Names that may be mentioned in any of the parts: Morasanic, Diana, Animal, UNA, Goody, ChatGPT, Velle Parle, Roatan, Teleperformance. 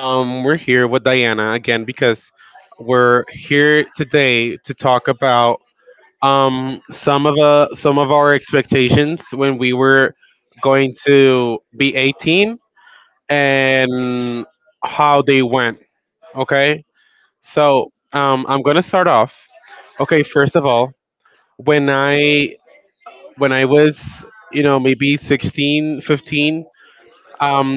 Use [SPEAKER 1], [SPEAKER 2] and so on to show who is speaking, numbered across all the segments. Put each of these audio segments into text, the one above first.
[SPEAKER 1] We're here with Diana again because we're here today to talk about some of our expectations when we were going to be 18 and how they went. Okay, so I'm gonna start off. Okay, first of all, when I when I was, maybe 16, 15, um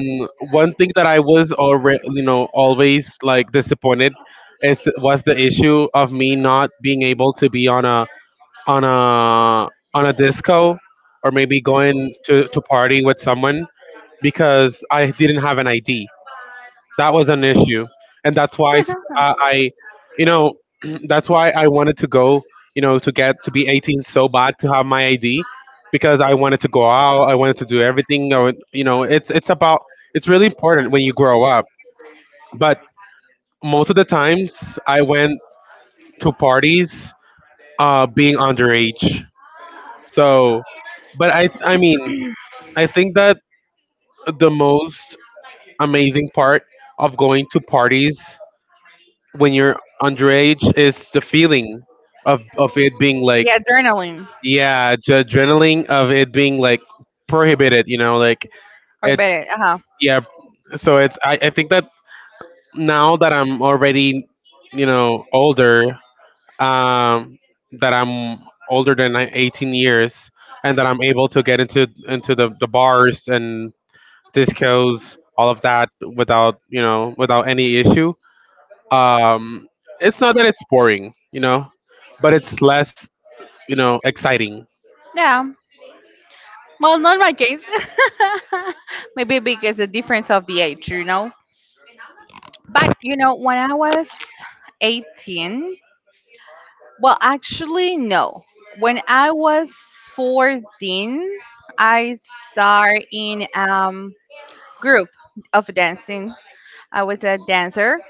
[SPEAKER 1] one thing that I was already, always, like, disappointed is was the issue of me not being able to be on a on a on a disco, or maybe going to party with someone, because I didn't have an id. That was an issue. And that's why s- I you know that's why I wanted to go, to get to be 18 so bad, to have my id. Because I wanted to go out, I wanted to do everything I would. You know, it's about, it's really important when you grow up. But most of the times I went to parties being underage. So, but I mean, I think that the most amazing part of going to parties when you're underage is the feeling of it being like,
[SPEAKER 2] Yeah, adrenaline
[SPEAKER 1] yeah, the adrenaline of it being like prohibited,
[SPEAKER 2] or
[SPEAKER 1] it's,
[SPEAKER 2] better. Uh huh.
[SPEAKER 1] yeah. So I think that now that I'm already, older, um that I'm older than 18 years, and that I'm able to get into the bars and discos, all of that without, without any issue. Um, it's not that it's boring, but it's less, exciting.
[SPEAKER 2] Yeah. Well, not my case. Maybe because the difference of the age, you know. But when I was 18, well, actually, no. When I was 14, I started in group of dancing. I was a dancer,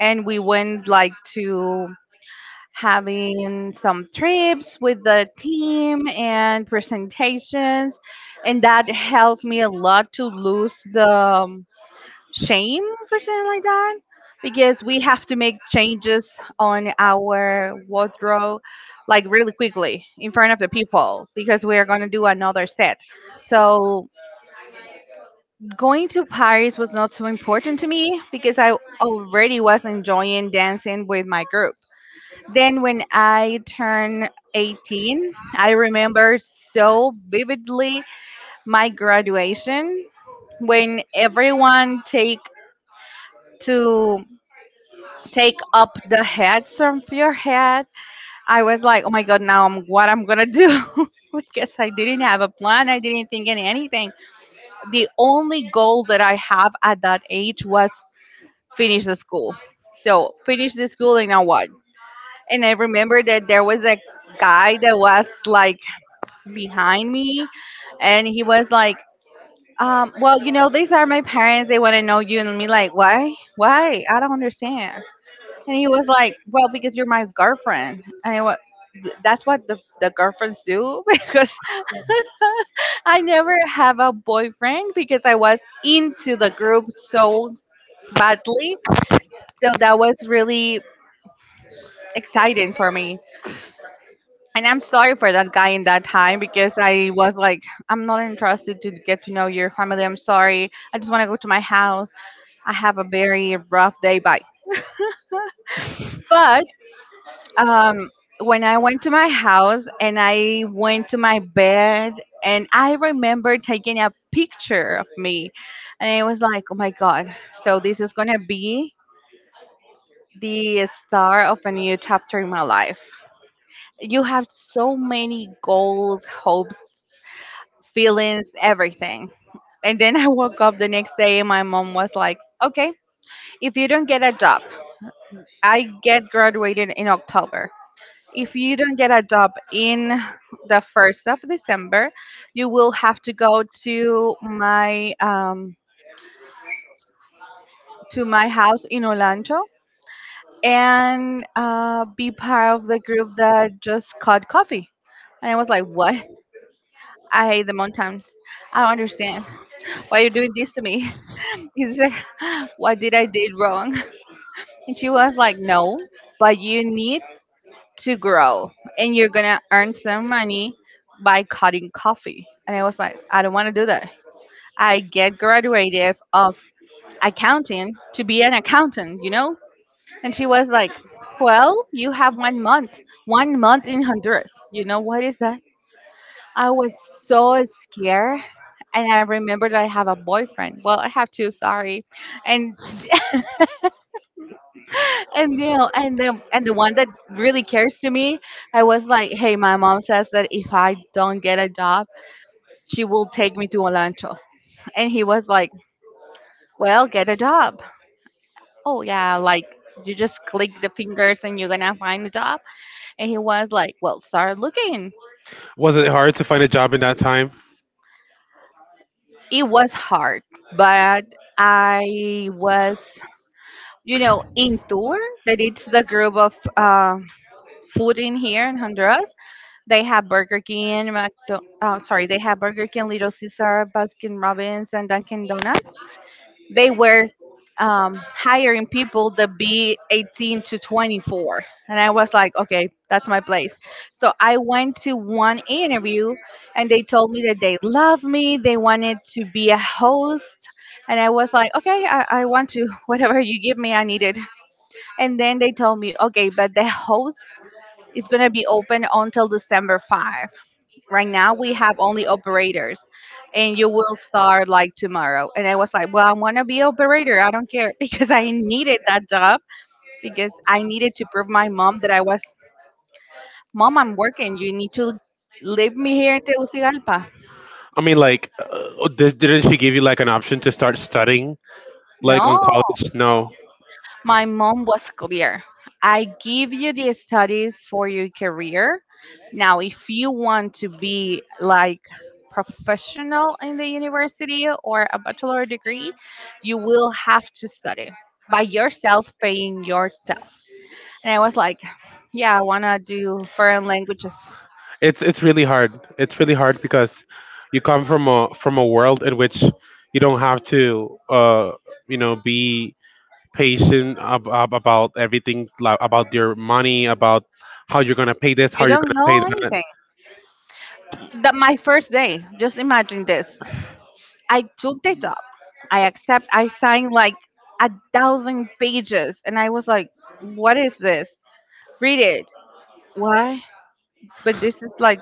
[SPEAKER 2] and we went like to having some trips with the team and presentations, and that helps me a lot to lose the shame for something like that because we have to make changes on our wardrobe like really quickly in front of the people because we are going to do another set. So going to Paris was not so important to me because I already was enjoying dancing with my group. Then, when I turned 18, I remember so vividly my graduation, when everyone take to take up the heads from your head. I was like, oh my god, now I'm what I'm gonna do because I didn't have a plan. I didn't think in anything. The only goal that I have at that age was finish the school. So finish the school and now what? And I remember that there was a guy that was like behind me, and he was like well you know, these are my parents, they want to know you, and me like why, I don't understand. And he was like, well, because you're my girlfriend. And I was, that's what the girlfriends do, because I never have a boyfriend because I was into the group so badly. So that was really exciting for me. And I'm sorry for that guy in that time because I was like, I'm not interested to get to know your family. I'm sorry. I just want to go to my house. I have a very rough day. Bye. But um, when I went to my house and I went to my bed, and I remember taking a picture of me, and it was like, oh my God, so this is going to be the start of a new chapter in my life. You have so many goals, hopes, feelings, everything. And then I woke up the next day and my mom was like, okay, if you don't get a job— I get graduated in October. If you don't get a job in the 1st of December, you will have to go to my house in Olancho and be part of the group that just caught coffee. And I was like, what? I hate the mountains. I don't understand why you're doing this to me. He's like, what did I did wrong? And she was like, no, but you need to grow and you're gonna earn some money by cutting coffee. And I was like, I don't want to do that. I get graduated of accounting to be an accountant, you know? And she was like, well, you have 1 month, 1 month in Honduras. You know what is that? I was so scared. And I remembered I have a boyfriend. Well, I have two, sorry. And and you know, and the one that really cares to me, I was like, hey, my mom says that if I don't get a job, she will take me to Olancho. And he was like, well, get a job. Oh yeah, like you just click the fingers and you're gonna find a job. And he was like, well, start looking.
[SPEAKER 1] Was it hard to find a job in that time?
[SPEAKER 2] It was hard, but I was, you know, in tour that it's the group of. Food in here in Honduras. They have Burger King, oh, sorry, they have Burger King, Little Caesar, Baskin Robbins, and Dunkin' Donuts. They were hiring people to be 18 to 24. And I was like, okay, that's my place. So I went to one interview and they told me that they love me. They wanted to be a host. And I was like, okay, I want to, whatever you give me, I need it. And then they told me, okay, but the host is going to be open until December 5th. Right now we have only operators, and you will start like tomorrow. And I was like, well, I want to be operator, I don't care, because I needed that job, because I needed to prove my mom that I was— Mom, I'm working, you need to leave me here in Tegucigalpa.
[SPEAKER 1] I mean, like, oh, didn't she give you, like, an option to start studying, like, on
[SPEAKER 2] No.
[SPEAKER 1] college? No,
[SPEAKER 2] My mom was clear. I give you the studies for your career. Now, if you want to be like professional in the university or a bachelor degree, you will have to study by yourself, paying yourself. And I was like, yeah, I want to do foreign languages.
[SPEAKER 1] it's really hard. It's really hard because you come from a world in which you don't have to, be patient about everything, like, about your money, about how you're gonna pay this, how
[SPEAKER 2] You
[SPEAKER 1] you're
[SPEAKER 2] don't
[SPEAKER 1] gonna pay
[SPEAKER 2] know
[SPEAKER 1] that.
[SPEAKER 2] anything. That my first day. Just imagine this. I took the job. I accept. I signed like a thousand pages, and I was like, "What is this? Read it. Why?" But this is like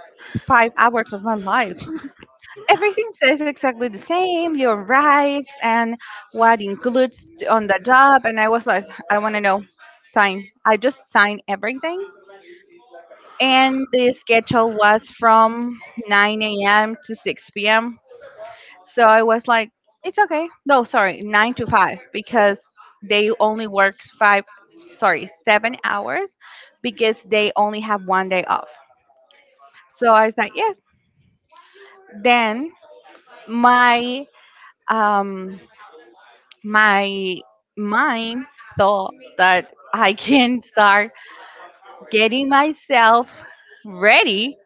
[SPEAKER 2] 5 hours of my life. Everything says exactly the same. Your rights and what includes on the job. And I was like, "I want to know." Sign. I just signed everything, and the schedule was from 9 a.m. to 6 p.m. So I was like, it's okay. No, sorry, nine to five, because they only work five, sorry, 7 hours, because they only have 1 day off. So I was like, yes. Then my um my mind thought that I can start getting myself ready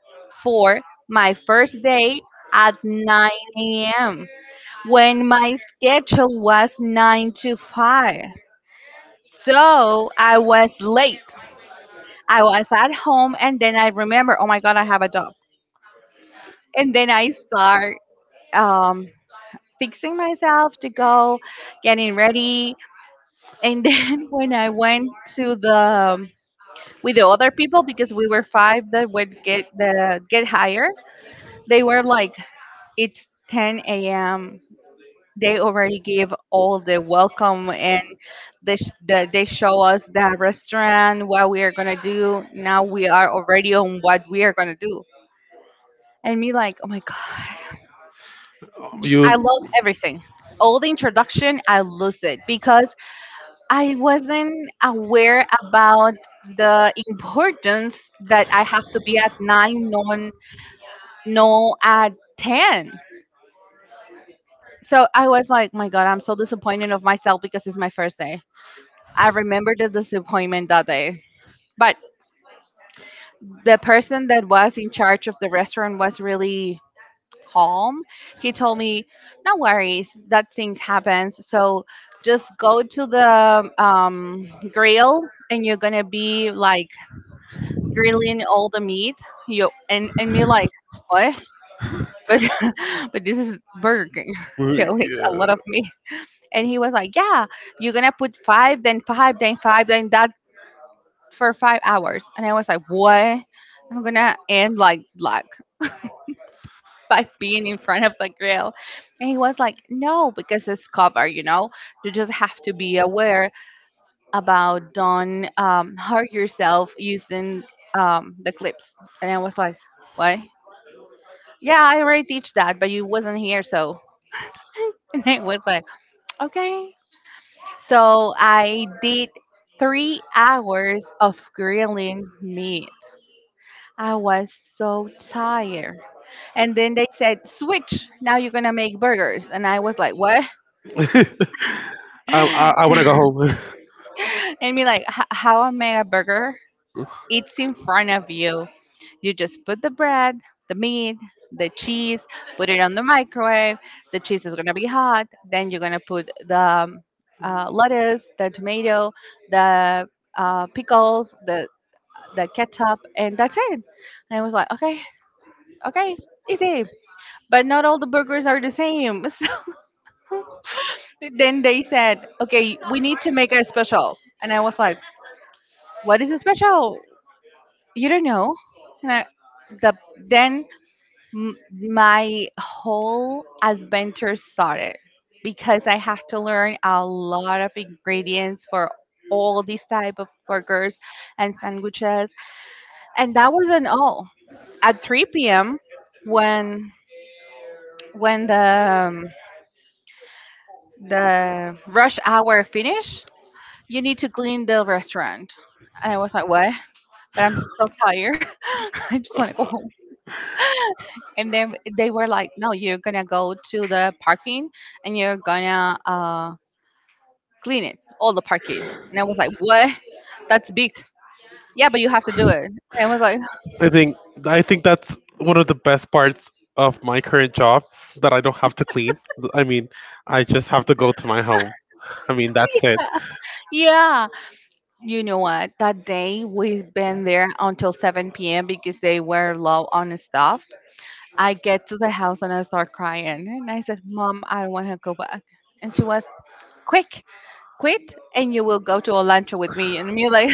[SPEAKER 2] for my first day at 9 a.m. when my schedule was 9 to 5. So I was late. I was at home and then I remember, oh my God, I have a dog. And then I start um, fixing myself to go, getting ready. And then when I went to the with the other people, because we were five that would get the get higher, they were like, it's 10 a.m., they already give all the welcome and they show us the restaurant what we are gonna do, now we are already on what we are gonna do. And me like, oh my god, I
[SPEAKER 1] You
[SPEAKER 2] lost everything, all the introduction I lost it, because I wasn't aware about the importance that I have to be at 9, no, no, at 10. So I was like, "Oh my god, I'm so disappointed of myself because it's my first day. I remember the disappointment that day. But the person that was in charge of the restaurant was really calm. He told me, "No worries, that things happens. So just go to the grill, and you're gonna be like grilling all the meat." You and me like, what? But but this is Burger King, so it's a lot
[SPEAKER 1] Yeah.
[SPEAKER 2] of meat. And he was like, "Yeah, you're gonna put five, then five, then five, then that." For 5 hours. And I was like, what? I'm gonna end like by being in front of the grill. And he was like, no, because it's cover, you know. You just have to be aware about don't hurt yourself using the clips. And I was like, what? Yeah, I already teach that, but you wasn't here, so. And I was like, okay. So I did 3 hours of grilling meat. I was so tired. And then they said, switch, now you're gonna make burgers. And I was like, what?
[SPEAKER 1] I,
[SPEAKER 2] And
[SPEAKER 1] I want to go home.
[SPEAKER 2] me like, "H- how I make a burger? It's in front of you. You just put the bread, the meat, the cheese, put it on the microwave. The cheese is gonna be hot. Then you're gonna put the lettuce, the tomato, the pickles, the ketchup, and that's it. And I was like, okay, okay, easy. But not all the burgers are the same. Then they said, okay, we need to make a special. And I was like, what is a special? You don't know. And I, the, then m- My whole adventure started because I have to learn a lot of ingredients for all these type of burgers and sandwiches. And that wasn't all. At 3 p.m., when when the um, the rush hour finished, you need to clean the restaurant. And I was like, what? But I'm so tired. I just want to go home. And then they were like, no, you're going to go to the parking and you're going to clean it, all the parking. And I was like, what? That's big. Yeah, but you have to do it. And I was like,
[SPEAKER 1] I think I think that's one of the best parts of my current job that I don't have to clean. I mean, I just have to go to my home. I mean, that's it.
[SPEAKER 2] yeah. You know what? That day we've been there until 7 p.m. because they were low on stuff. I get to the house and I start crying. And I said, Mom, I don't want to go back. And she was, quick, quit and you will go to a luncheon with me and me like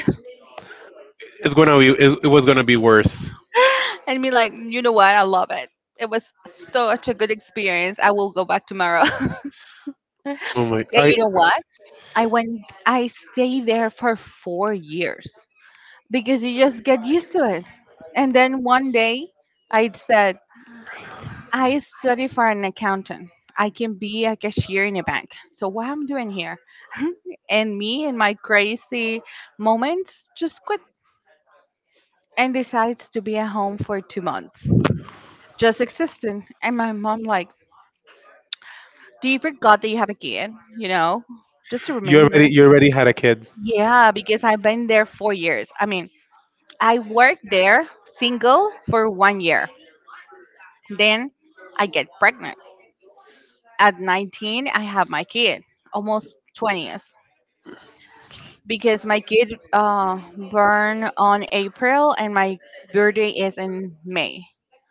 [SPEAKER 1] It's gonna be. It was gonna be worse.
[SPEAKER 2] and me like, you know what, I love it. It was such a good experience. I will go back tomorrow. And
[SPEAKER 1] Oh my! I
[SPEAKER 2] you know what, I went, I stayed there for 4 years because you just get used to it. And then one day I said, I study for an accountant, I can be a cashier in a bank, so what I'm doing here? And me in my crazy moments just quit and decides to be at home for 2 months, just existing. And my mom like, do you forgot that you have a kid? You know, just to
[SPEAKER 1] You already
[SPEAKER 2] remember.
[SPEAKER 1] you already had a kid.
[SPEAKER 2] Yeah, because I've been there 4 years. I mean, I worked there single for one year. Then I get pregnant. At 19, I have my kid, almost 20th, because my kid born on April and my birthday is in May.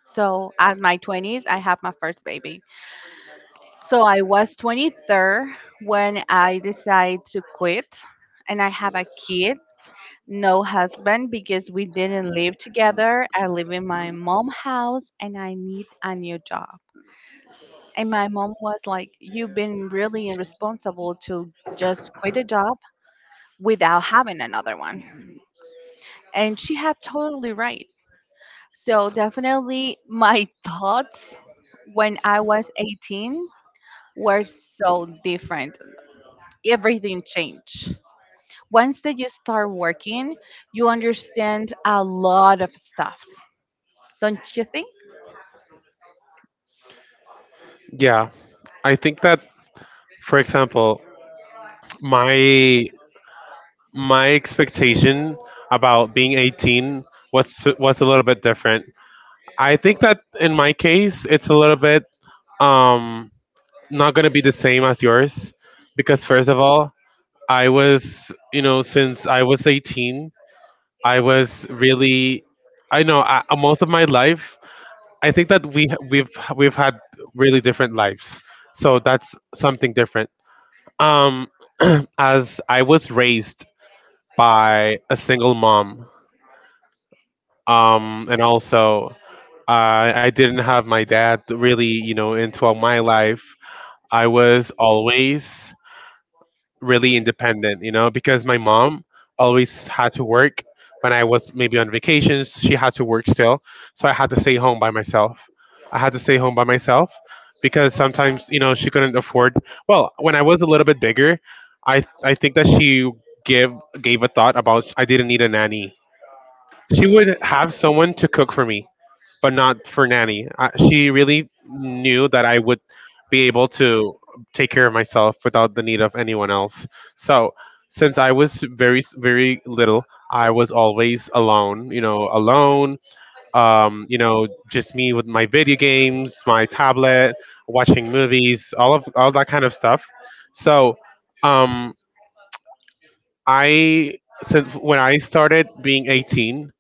[SPEAKER 2] So at my 20s, I have my first baby. So I was 23 when I decided to quit, and I have a kid, no husband because we didn't live together. I live in my mom house, and I need a new job. And my mom was like, "You've been really irresponsible to just quit a job without having another one," and she had totally right. So definitely, my thoughts when I was 18 were so different. Everything changed. Once that you start working, you understand a lot of stuff, don't you think?
[SPEAKER 1] Yeah, I think that, for example, my my expectation about being 18 was a little bit different. I think that in my case, it's a little bit um not gonna be the same as yours, because first of all, I was you know since I was 18, I was really, I, most of my life, I think that we we've had really different lives, so that's something different. um as I was raised by a single mom, and also, I didn't have my dad really, into my life. I was always really independent, because my mom always had to work when I was maybe on vacations. She had to work still. So I had to stay home by myself. I had to stay home by myself because sometimes, she couldn't afford. Well, when I was a little bit bigger, I think that she gave, gave a thought about I didn't need a nanny. She would have someone to cook for me, but not for nanny. She really knew that I would be able to take care of myself without the need of anyone else. So, since I was very very little, I was always alone. Alone. Just me with my video games, my tablet, watching movies, all that kind of stuff. So, um, I since when I started being 18,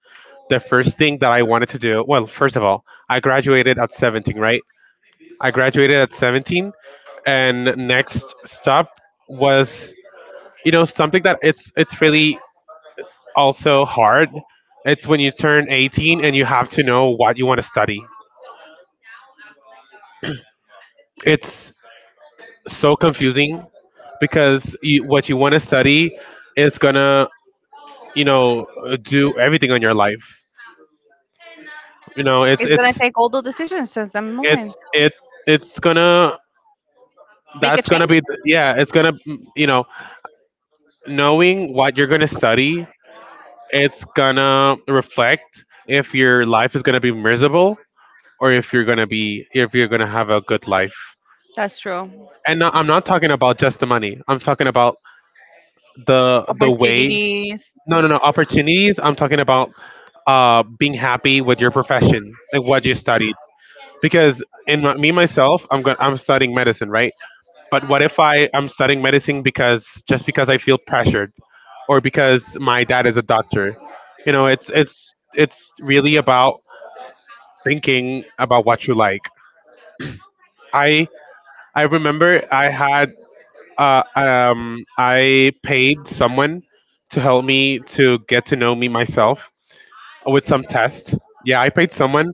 [SPEAKER 1] the first thing that I wanted to do, well, first of all, I graduated at 17, right? I graduated at 17, and next stop was, something that it's really also hard. It's when you turn 18 and you have to know what you want to study. It's so confusing because what you want to study is gonna, you know, do everything on your life. You know, it's
[SPEAKER 2] It's gonna
[SPEAKER 1] it's
[SPEAKER 2] take all the decisions since that moment.
[SPEAKER 1] it's it it's gonna,
[SPEAKER 2] Make a
[SPEAKER 1] that's gonna
[SPEAKER 2] change.
[SPEAKER 1] be th- yeah, it's gonna mm, you know knowing what you're gonna study, it's gonna reflect if your life is gonna be miserable, or if you're gonna be if you're gonna have a good life.
[SPEAKER 2] That's true.
[SPEAKER 1] And no, I'm not talking about just the money. I'm talking about the way.
[SPEAKER 2] Opportunities.
[SPEAKER 1] No, no, no, opportunities. I'm talking about being happy with your profession, like what you studied. Because me myself, I'm studying medicine, right? But what if I am studying medicine because, just because I feel pressured, or because my dad is a doctor? You know, it's it's really about thinking about what you like. I I remember I had, I paid someone to help me to get to know me myself with some tests. Yeah, I paid someone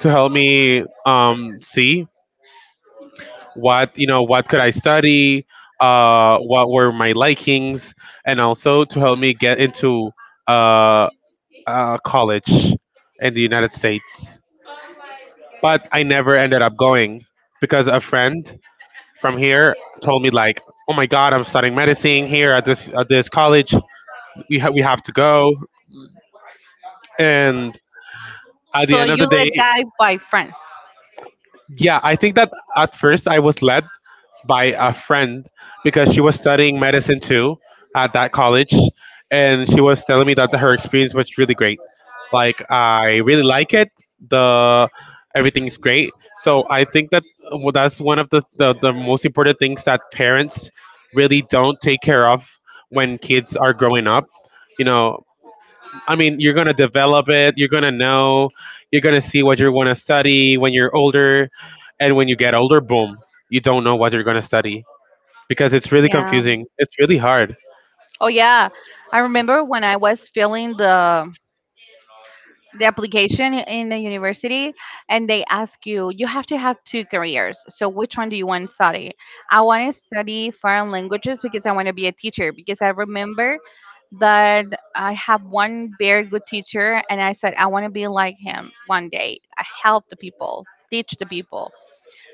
[SPEAKER 1] to help me see what you know what could I study, what were my likings, and also to help me get into, uh, college in the United States. But I never ended up going because a friend from here told me, like, oh my god, I'm studying medicine here at this college, we, we have to go. And at the
[SPEAKER 2] So
[SPEAKER 1] end of the
[SPEAKER 2] you
[SPEAKER 1] day,
[SPEAKER 2] let guide by friends.
[SPEAKER 1] yeah, I think that at first I was led by a friend because she was studying medicine too at that college, and she was telling me that her experience was really great. Like, I really like it. The Everything is great. So I think that, well, that's one of the, the most important things that parents really don't take care of when kids are growing up. You know, I mean, you're gonna develop it. You're gonna know. You're gonna see what you want to study when you're older, and when you get older, boom, you don't know what you're going to study because it's really
[SPEAKER 2] Yeah.
[SPEAKER 1] confusing. It's really hard.
[SPEAKER 2] Oh yeah. I remember when I was feeling the application in the university and they ask you have to have two careers, so which one do you want to study? I want to study foreign languages because I want to be a teacher because I remember that I have one very good teacher and I said I want to be like him one day. I help the people, teach the people.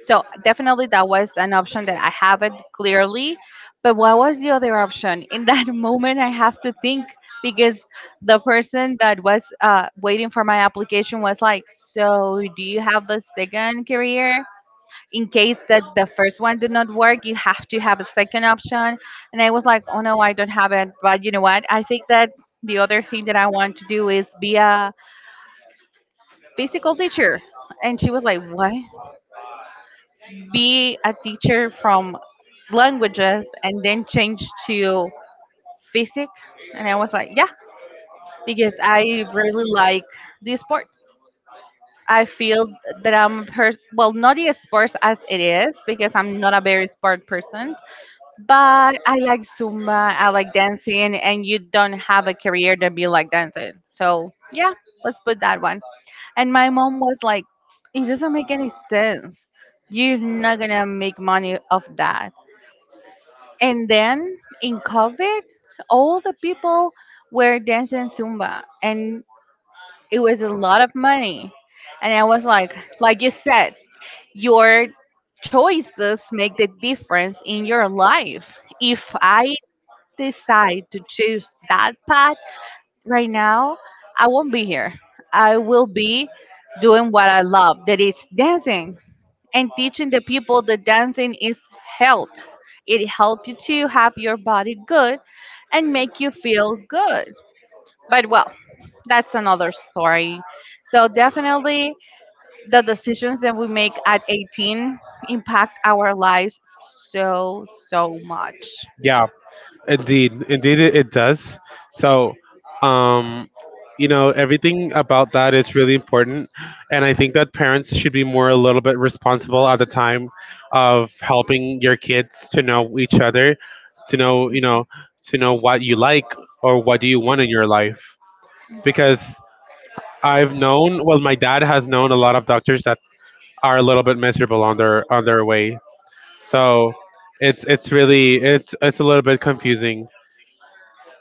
[SPEAKER 2] So definitely that was an option that I haven't clearly. But what was the other option? In that moment, I have to think because the person that was waiting for my application was like, "So do you have the second career? In case that the first one did not work, you have to have a second option." And I was like, "Oh no, I don't have it." But you know what? I think that the other thing that I want to do is be a physical teacher. And she was like, "What?" Be a teacher from languages and then change to physics. And I was like, yeah, because I really like the sports. I feel that I'm, well, not the sports as it is, because I'm not a very sport person, but I like Zumba, I like dancing, and you don't have a career that be like dancing. So, yeah, let's put that one. And my mom was like, it doesn't make any sense. You're not gonna make money off that. And then in COVID, all the people were dancing Zumba and it was a lot of money. And I was like you said, your choices make the difference in your life. If I decide to choose that path right now, I won't be here. I will be doing what I love, that is dancing and teaching the people that dancing is health. It helps you to have your body good and make you feel good. But well, that's another story. So definitely the decisions that we make at 18 impact our lives so so much.
[SPEAKER 1] Yeah, indeed, indeed it does. So, um, everything about that is really important, and I think that parents should be more a little bit responsible at the time of helping your kids to know each other, to know, you know, to know what you like, or what do you want in your life. Because I've known, well, my dad has known a lot of doctors that are a little bit miserable on their way. So it's really it's a little bit confusing.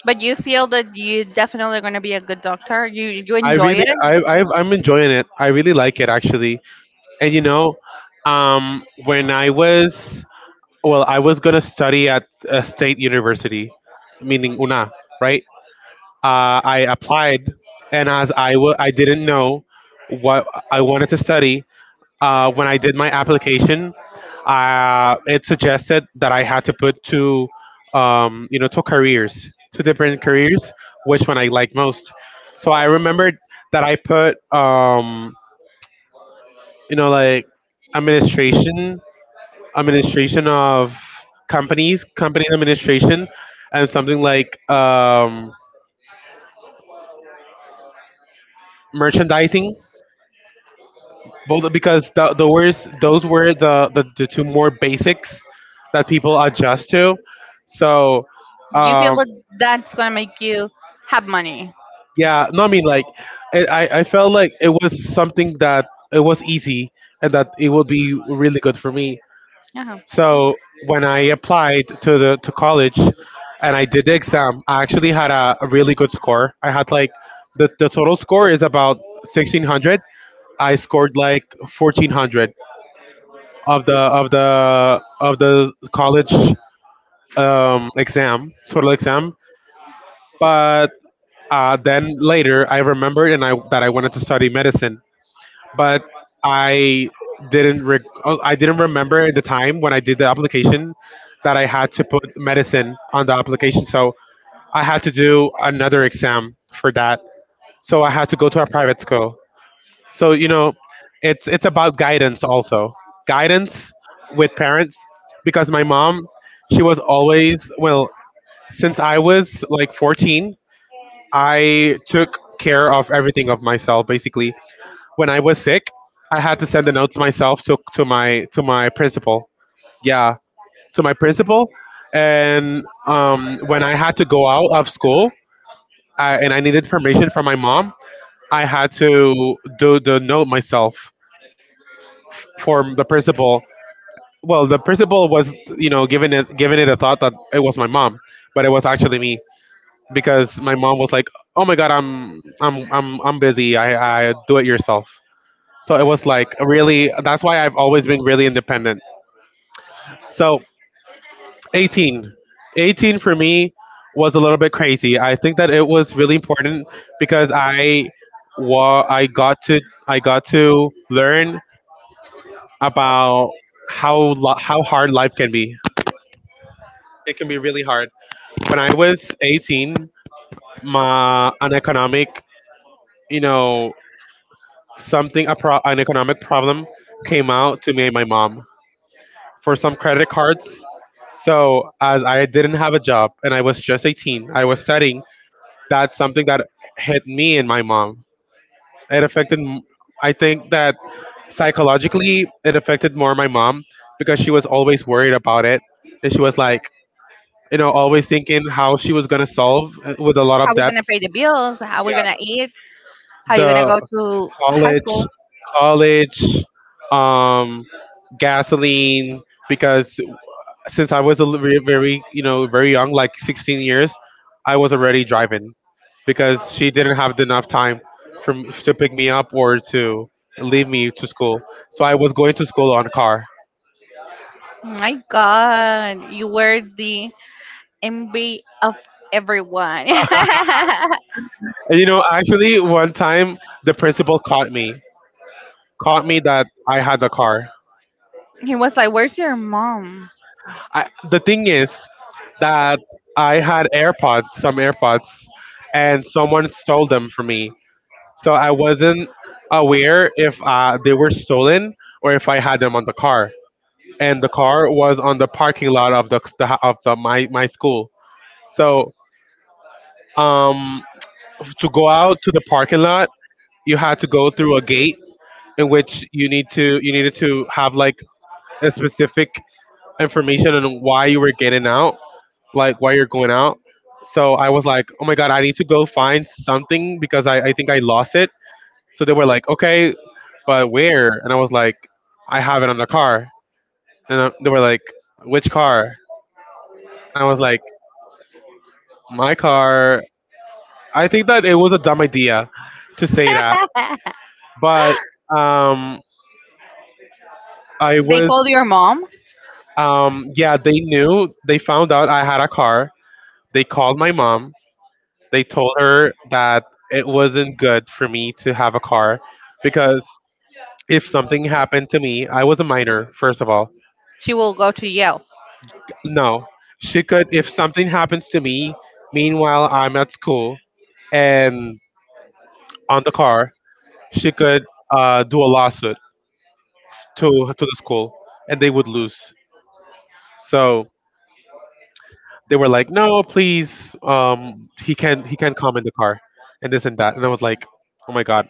[SPEAKER 2] But you feel that you definitely going to be a good doctor. You
[SPEAKER 1] I
[SPEAKER 2] enjoy
[SPEAKER 1] really,
[SPEAKER 2] it.
[SPEAKER 1] I'm enjoying it. I really like it actually. And, when I was, well, I was gonna study at a state university, meaning UNA, right? I applied, and I didn't know what I wanted to study. When I did my application, it suggested that I had to put two careers, two different careers, which one I like most. So I remembered that I put, like, administration, administration of companies, company administration, and something like merchandising. Both because the worst, those were the, the two more basics that people adjust to. So,
[SPEAKER 2] You feel
[SPEAKER 1] um,
[SPEAKER 2] that that's going to make you have money.
[SPEAKER 1] yeah, no, I mean, like, it, I felt like it was something that it was easy and that it would be really good for me.
[SPEAKER 2] Yeah.
[SPEAKER 1] So when I applied to the to college and I did the exam, I actually had a really good score. I had like the total score is about 1600. I scored like 1400 of the college exam, total exam. But, then later, I remembered and I that I wanted to study medicine, but I didn't re- oh, I didn't remember at the time when I did the application that I had to put medicine on the application. So I had to do another exam for that. So I had to go to a private school. So, it's about guidance also, guidance with parents. Because my mom, she was always, well, since I was like 14, I took care of everything of myself basically. When I was sick, I had to send the notes myself to my principal. Yeah, to my principal. And, when I had to go out of school, and I needed permission from my mom, I had to do the note myself for the principal. Well, the principal was, giving it a thought that it was my mom, but it was actually me because my mom was like, "Oh my God, I'm busy. I do it yourself." So it was like really. That's why I've always been really independent. So 18, 18 for me was a little bit crazy. I think that it was really important because wa- I got to I got to learn about how hard life can be. It can be really hard. When I was 18, my an economic, you know, something, an economic problem came out to me and my mom for some credit cards. So as I didn't have a job and I was just 18, I was studying. That's something that hit me and my mom. It affected. I think that psychologically, it affected more my mom because she was always worried about it, and she was like, always thinking how she was gonna solve, with a lot
[SPEAKER 2] How
[SPEAKER 1] of
[SPEAKER 2] we going to
[SPEAKER 1] debts,
[SPEAKER 2] pay the bills? How we going to eat? How you going to
[SPEAKER 1] the
[SPEAKER 2] go to high
[SPEAKER 1] college
[SPEAKER 2] school?
[SPEAKER 1] college um gasoline, because since I was very, very, very young, like 16 years, I was already driving because she didn't have enough time to pick me up or to leave me to school, so I was going to school on car.
[SPEAKER 2] Oh my god, you were the envy of everyone.
[SPEAKER 1] And actually, one time the principal caught me that I had the car.
[SPEAKER 2] He was like, where's your mom?
[SPEAKER 1] The thing is that I had AirPods, some AirPods, and someone stole them from me. So I wasn't aware if they were stolen or if I had them on the car. And the car was on the parking lot of the of the my, my school. So um, to go out to the parking lot, you had to go through a gate in which you needed to have, like, a specific information on why you were getting out, like while you're going out. So I was like, oh my god, I need to go find something because I think I lost it. So they were like, okay, but where? And I was like, I have it on the car. And they were like, which car? And I was like, my car. I think that it was a dumb idea to say that, but um, I
[SPEAKER 2] They
[SPEAKER 1] was,
[SPEAKER 2] called your mom,
[SPEAKER 1] yeah, they knew. They found out I had a car. They called my mom. They told her that it wasn't good for me to have a car because if something happened to me, I was a minor, first of all.
[SPEAKER 2] she will go to Yale.
[SPEAKER 1] No, she could, if something happens to me, meanwhile, I'm at school and on the car, she could do a lawsuit to the school, and they would lose. So they were like, no, please, he can't come in the car, and this and that. And I was like, oh my God.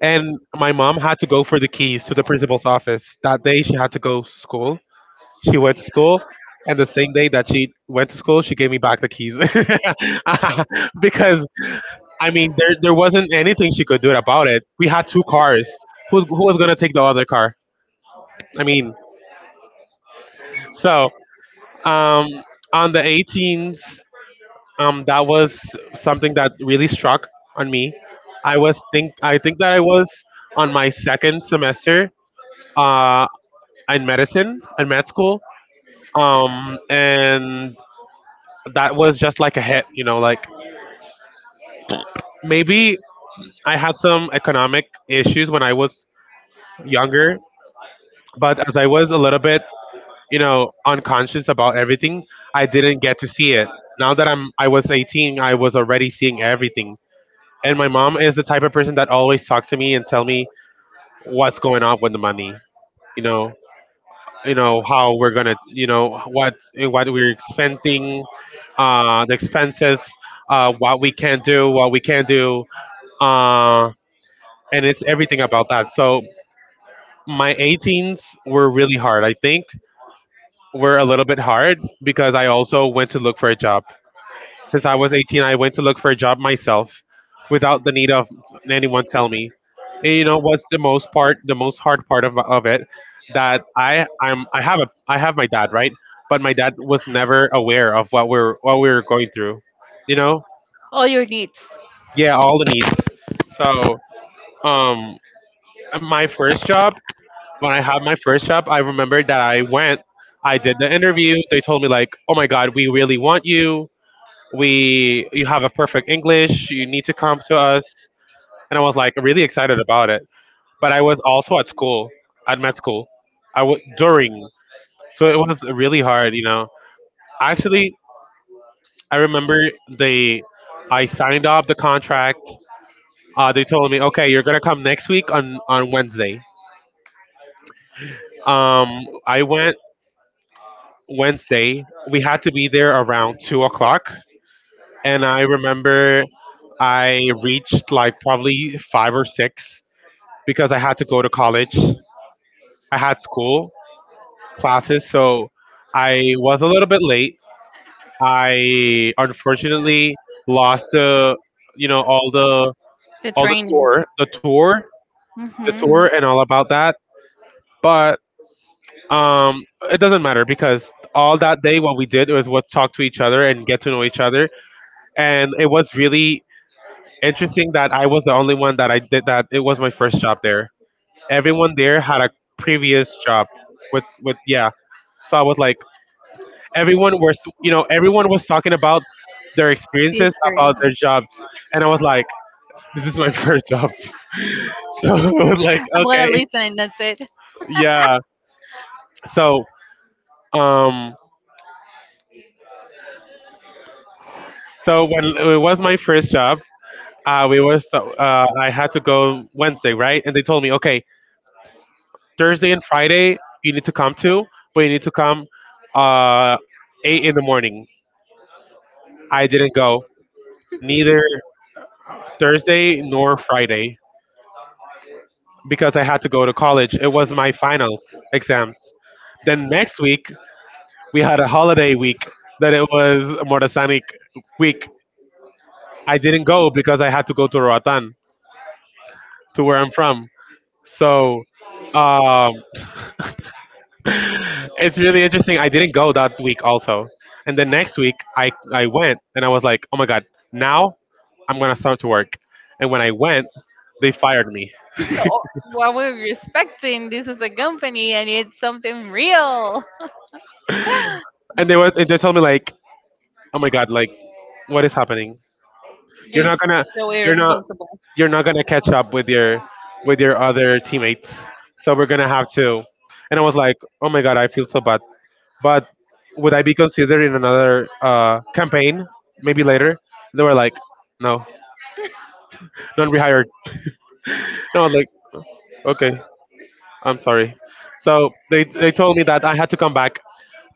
[SPEAKER 1] And my mom had to go for the keys to the principal's office. That day, she had to go to school. She went to school. And the same day that she went to school, she gave me back the keys. Because, I mean, there wasn't anything she could do about it. We had two cars. Who was going to take the other car? I mean, so, um, on the 18th, that was something that really struck on me. I think that I was on my second semester. Uh, in medicine, in med school. And that was just like a hit, like maybe I had some economic issues when I was younger, but as I was a little bit, unconscious about everything, I didn't get to see it. Now that I was 18, I was already seeing everything. And my mom is the type of person that always talks to me and tell me what's going on with the money, you know. You know how we're gonna, you know what what we're expending, the expenses, what we can do, what we can't do, uh and it's everything about that. So my 18s were really hard, I think. Were a little bit hard because I also went to look for a job, since I was 18, I went to look for a job myself without the need of anyone tell me. And you know what's the most part, the most hard part of it, that I I'm I have a I have my dad, right? But my dad was never aware of what we were going through. You know?
[SPEAKER 2] All your needs,
[SPEAKER 1] Yeah, all the needs. So, um my first job, when I had my first job, I remember that I did the interview. They told me like, "Oh my god, we really want you. We you have a perfect English. You need to come to us." And I was like really excited about it, but I was also at school, at med school, I was during, so it was really hard, you know. Actually, I remember they I signed up the contract. They told me, okay, you're gonna come next week on Wednesday. I went Wednesday. We had to be there around 2 o'clock. And I remember I reached like probably five or six because I had to go to college. I had school classes, so I was a little bit late. I unfortunately lost the, you know,
[SPEAKER 2] the
[SPEAKER 1] all the
[SPEAKER 2] training.
[SPEAKER 1] tour, the tour, the
[SPEAKER 2] Mm-hmm.
[SPEAKER 1] tour, and all about that. But um, it doesn't matter because all that day, what we did was talk to each other and get to know each other, and it was really interesting that I was the only one that I did that. It was my first job there. Everyone there had a previous job with, yeah. So I was like, everyone was talking about their experiences, about their jobs, and I was like, this is my first job. So I was like,
[SPEAKER 2] I'm gonna
[SPEAKER 1] okay,
[SPEAKER 2] listen and that's it.
[SPEAKER 1] yeah. So um, so when it was my first job, we was I had to go Wednesday, right? And they told me, okay, Thursday and Friday you need to come to, but you need to come uh 8 in the morning. I didn't go neither Thursday nor Friday, because I had to go to college. It was my finals exams. Then next week we had a holiday week that it was Morasanic week. I didn't go because I had to go to Roatan, to where I'm from. So, um, it's really interesting. I didn't go that week also. And then next week I went and I was like, oh my God, now I'm going to start to work. And when I went, they fired me.
[SPEAKER 2] No, what we're respecting, this is a company and it's something real.
[SPEAKER 1] And they told me like, oh my God, like what is happening? You're
[SPEAKER 2] You're
[SPEAKER 1] not gonna,
[SPEAKER 2] so
[SPEAKER 1] you're not,
[SPEAKER 2] irresponsible.
[SPEAKER 1] you're not gonna catch up with your other teammates. So we're gonna have to. And I was like, oh my god, I feel so bad. But would I be considered in another campaign? Maybe later. They were like, no, not rehired. And I was like, okay, I'm sorry. So they told me that I had to come back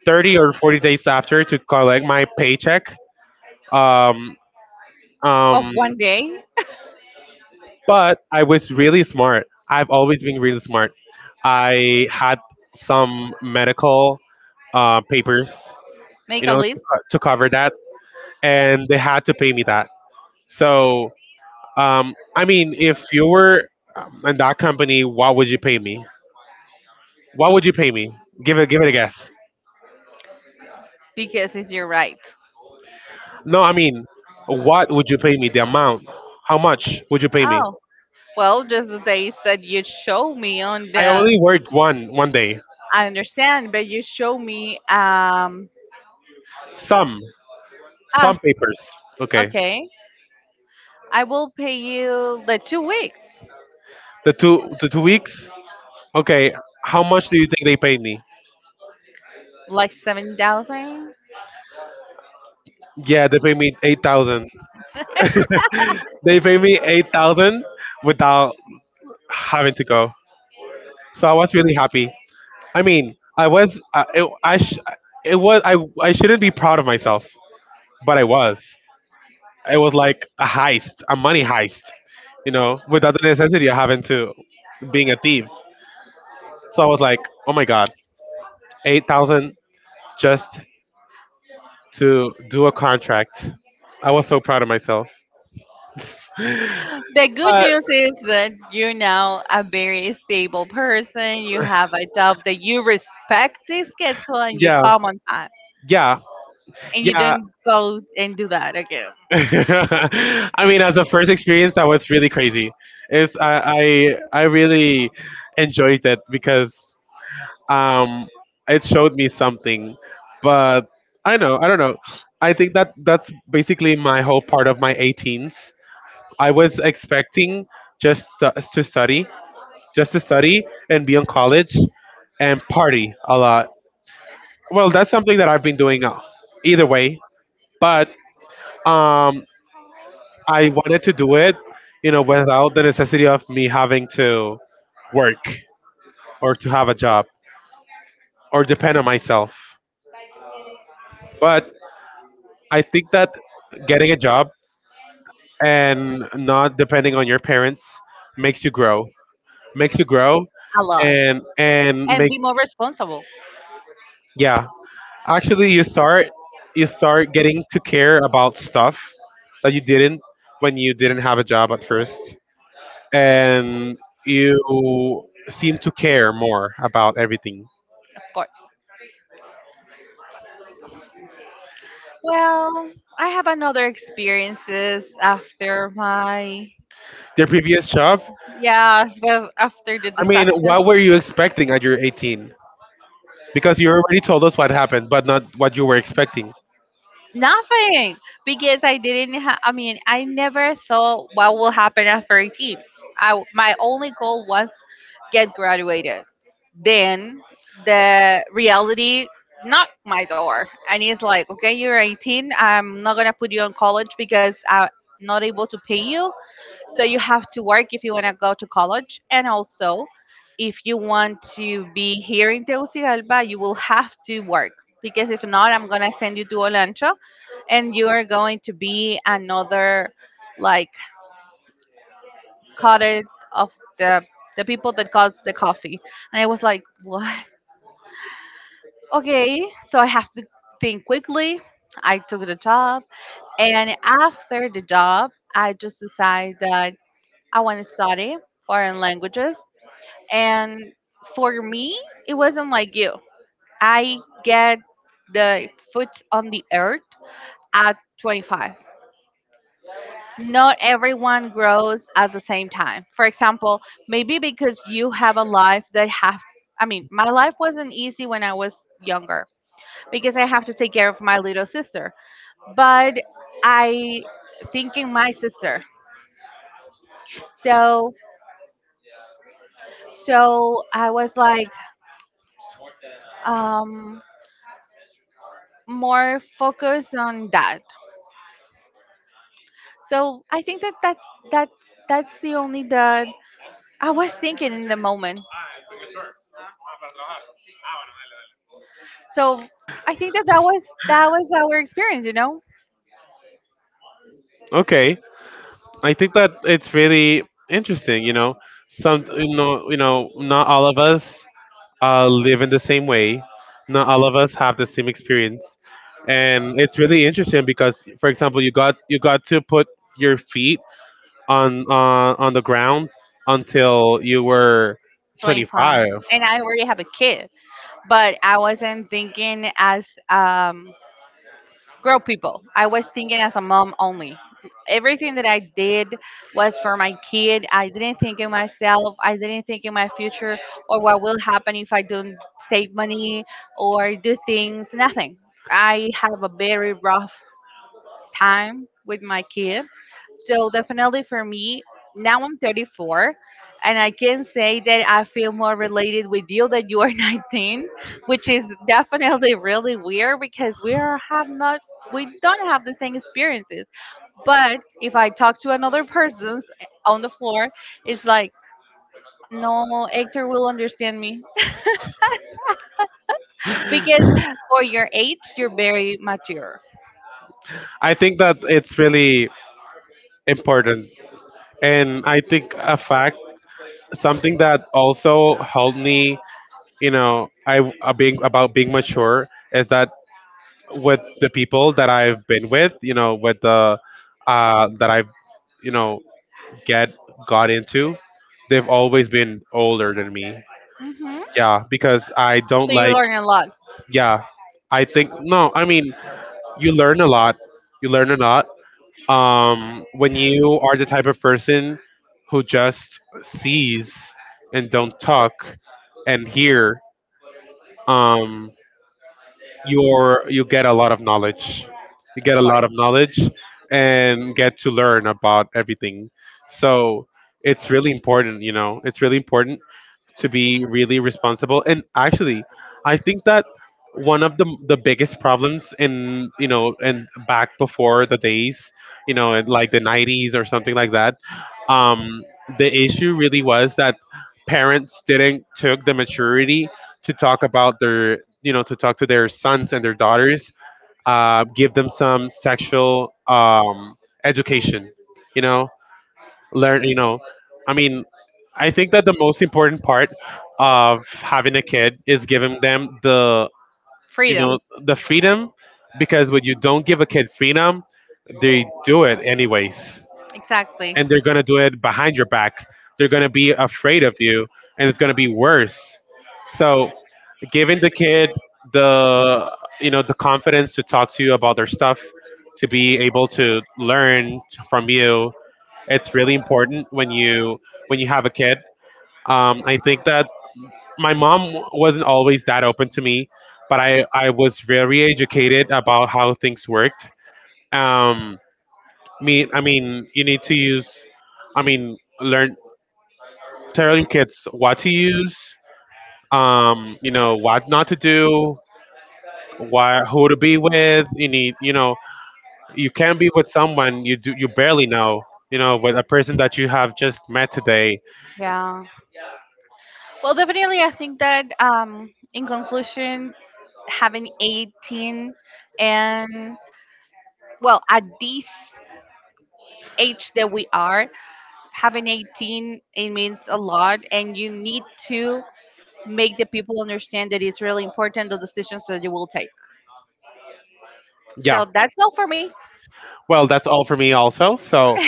[SPEAKER 1] 30 or 40 days after to collect my paycheck. Um,
[SPEAKER 2] Of
[SPEAKER 1] um,
[SPEAKER 2] one day,
[SPEAKER 1] But I was really smart. I've always been really smart. I had some medical papers,
[SPEAKER 2] make
[SPEAKER 1] you
[SPEAKER 2] a
[SPEAKER 1] know,
[SPEAKER 2] list.
[SPEAKER 1] to cover that, and they had to pay me that. So, I mean, if you were in that company, what would you pay me? What would you pay me? Give it a guess.
[SPEAKER 2] Because it's your right.
[SPEAKER 1] No, I mean, what would you pay me? The amount? How much would you pay me?
[SPEAKER 2] Oh, well, just the days that you show me on
[SPEAKER 1] I
[SPEAKER 2] the.
[SPEAKER 1] only worked one day.
[SPEAKER 2] I understand, but you show me.
[SPEAKER 1] Some some
[SPEAKER 2] Ah,
[SPEAKER 1] papers. Okay,
[SPEAKER 2] okay. I will pay you the 2 weeks,
[SPEAKER 1] the two weeks. Okay, how much do you think they paid me?
[SPEAKER 2] like 7,000.
[SPEAKER 1] Yeah, they paid me 8,000. They paid me 8,000 without having to go. So I was really happy. I mean, I was. I, it, I sh- It was. I shouldn't be proud of myself, but I was. It was like a heist, a money heist. You know, without the necessity of having to being a thief. So I was like, oh my god, 8,000 just to do a contract. I was so proud of myself. But
[SPEAKER 2] The good news is that you're now a very stable person. You have a job that you respect the schedule and you
[SPEAKER 1] yeah,
[SPEAKER 2] come on time,
[SPEAKER 1] yeah,
[SPEAKER 2] and you
[SPEAKER 1] yeah.
[SPEAKER 2] don't go and do that again
[SPEAKER 1] I mean, as a first experience, that was really crazy. It's I really enjoyed it because um it showed me something, but I don't know. I think that that's basically my whole part of my 18s. I was expecting just to, to study, just to study and be in college and party a lot. Well, that's something that I've been doing, either way, but. Um, I wanted to do it, without the necessity of me having to work or to have a job or depend on myself. But I think that getting a job and not depending on your parents makes you grow, makes you grow,
[SPEAKER 2] a lot,
[SPEAKER 1] and
[SPEAKER 2] and
[SPEAKER 1] make,
[SPEAKER 2] be more responsible,
[SPEAKER 1] yeah. Actually, you start getting to care about stuff that you didn't, when you didn't have a job at first, and you seem to care more about everything.
[SPEAKER 2] of course. Well, I have another experiences after my,
[SPEAKER 1] Their previous job?
[SPEAKER 2] yeah, the, after the
[SPEAKER 1] I mean,
[SPEAKER 2] disaster.
[SPEAKER 1] what were you expecting at your 18? Because you already told us what happened, but not what you were expecting.
[SPEAKER 2] Nothing because I didn't. I mean, I never thought what will happen after 18. I my only goal was get graduated. Then the reality knocked my door, and it's like, okay, you're 18. I'm not gonna put you on college because I'm not able to pay you. So you have to work if you want to go to college. And also, if you want to be here in Tegucigalpa, you will have to work because if not, I'm going to send you to Olancho and you are going to be another like cutter of the the people that got the coffee. And I was like, what? Okay, so I have to think quickly. I took the job. And after the job, I just decided that I want to study foreign languages. And for me, it wasn't like you. I get the foot on the earth at 25. Not everyone grows at the same time. For example, maybe because you have a life that has I mean, my life wasn't easy when I was younger because I have to take care of my little sister. But I thinking my sister. So so I was like um more focused on that. So I think that that that's the only that I was thinking in the moment. So I think that that was our experience, you know,
[SPEAKER 1] Okay, I think that it's really interesting. You know, not all of us live in the same way. Not all of us have the same experience, and it's really interesting because, for example, you got to put your feet on the ground until you were
[SPEAKER 2] 25,
[SPEAKER 1] 25.
[SPEAKER 2] and I already have a kid, but I wasn't thinking as grown people. I was thinking as a mom only. Everything that I did was for my kid. I didn't think in myself. I didn't think in my future or what will happen if I don't save money or do things. Nothing. I have a very rough time with my kid. So definitely for me, now I'm 34 and I can say that I feel more related with you that you are 19, which is definitely really weird because we don't have the same experiences. But if I talk to another person on the floor, it's like no, Hector will understand me because for your age, you're very mature.
[SPEAKER 1] I think that it's really important. And I think a fact, something that also helped me, you know, I being about being mature is that with the people that I've been with, you know, with the that I've, you know, get got into, they've always been older than me.
[SPEAKER 2] Hmm.
[SPEAKER 1] Yeah, because I don't
[SPEAKER 2] So you
[SPEAKER 1] like.
[SPEAKER 2] learn a lot,
[SPEAKER 1] Yeah, I think no. I mean, you learn a lot. You learn a lot, when you are the type of person who just sees and don't talk and hear, um, you get a lot of knowledge. You
[SPEAKER 2] of
[SPEAKER 1] get a lot
[SPEAKER 2] course.
[SPEAKER 1] of knowledge and get to learn about everything. So it's really important, you know, it's really important to be really responsible. And actually, I think that one of the biggest problems in, you know, and back before the days, you know, in like the 90s or something like that, um the issue really was that parents didn't took the maturity to talk about their, you know, to talk to their sons and their daughters, give them some sexual education, you know, learn, I mean, I think that the most important part of having a kid is giving them the, you
[SPEAKER 2] Freedom.
[SPEAKER 1] know, the freedom. Because when you don't give a kid freedom, they do it anyways,
[SPEAKER 2] Exactly.
[SPEAKER 1] and they're going to do it behind your back, they're going to be afraid of you, and it's going to be worse. So giving the kid the, you know, the confidence to talk to you about their stuff, to be able to learn from you, it's really important when you, when you have a kid. I think that my mom wasn't always that open to me, but I was very educated about how things worked. Um, me, I mean, you need to use, I mean, learn telling kids what to use. You know what not to do. Why, who to be with. You need, you know, you can be with someone you do, you barely know, you know, with a person that you have just met today.
[SPEAKER 2] Yeah. Well, definitely, I think that in conclusion, having 18 and, well, at this age that we are, having 18, it means a lot. And you need to make the people understand that it's really important the decisions that you will take.
[SPEAKER 1] Yeah.
[SPEAKER 2] So that's all for me.
[SPEAKER 1] Well, that's all for me, also. So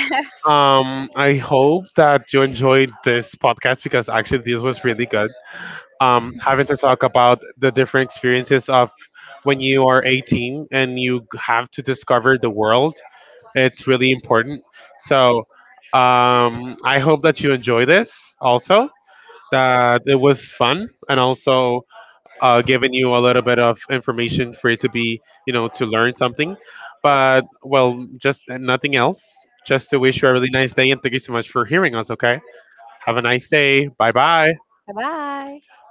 [SPEAKER 1] I hope that you enjoyed this podcast, because actually this was really good. Having to talk about the different experiences of when you are 18 and you have to discover the world, it's really important. So I hope that you enjoy this also, that it was fun, and also giving you a little bit of information for it to be, you know, to learn something. But, well, just nothing else. Just to wish you a really nice day and thank you so much for hearing us, okay? Have a nice day. Bye bye.
[SPEAKER 2] Bye bye.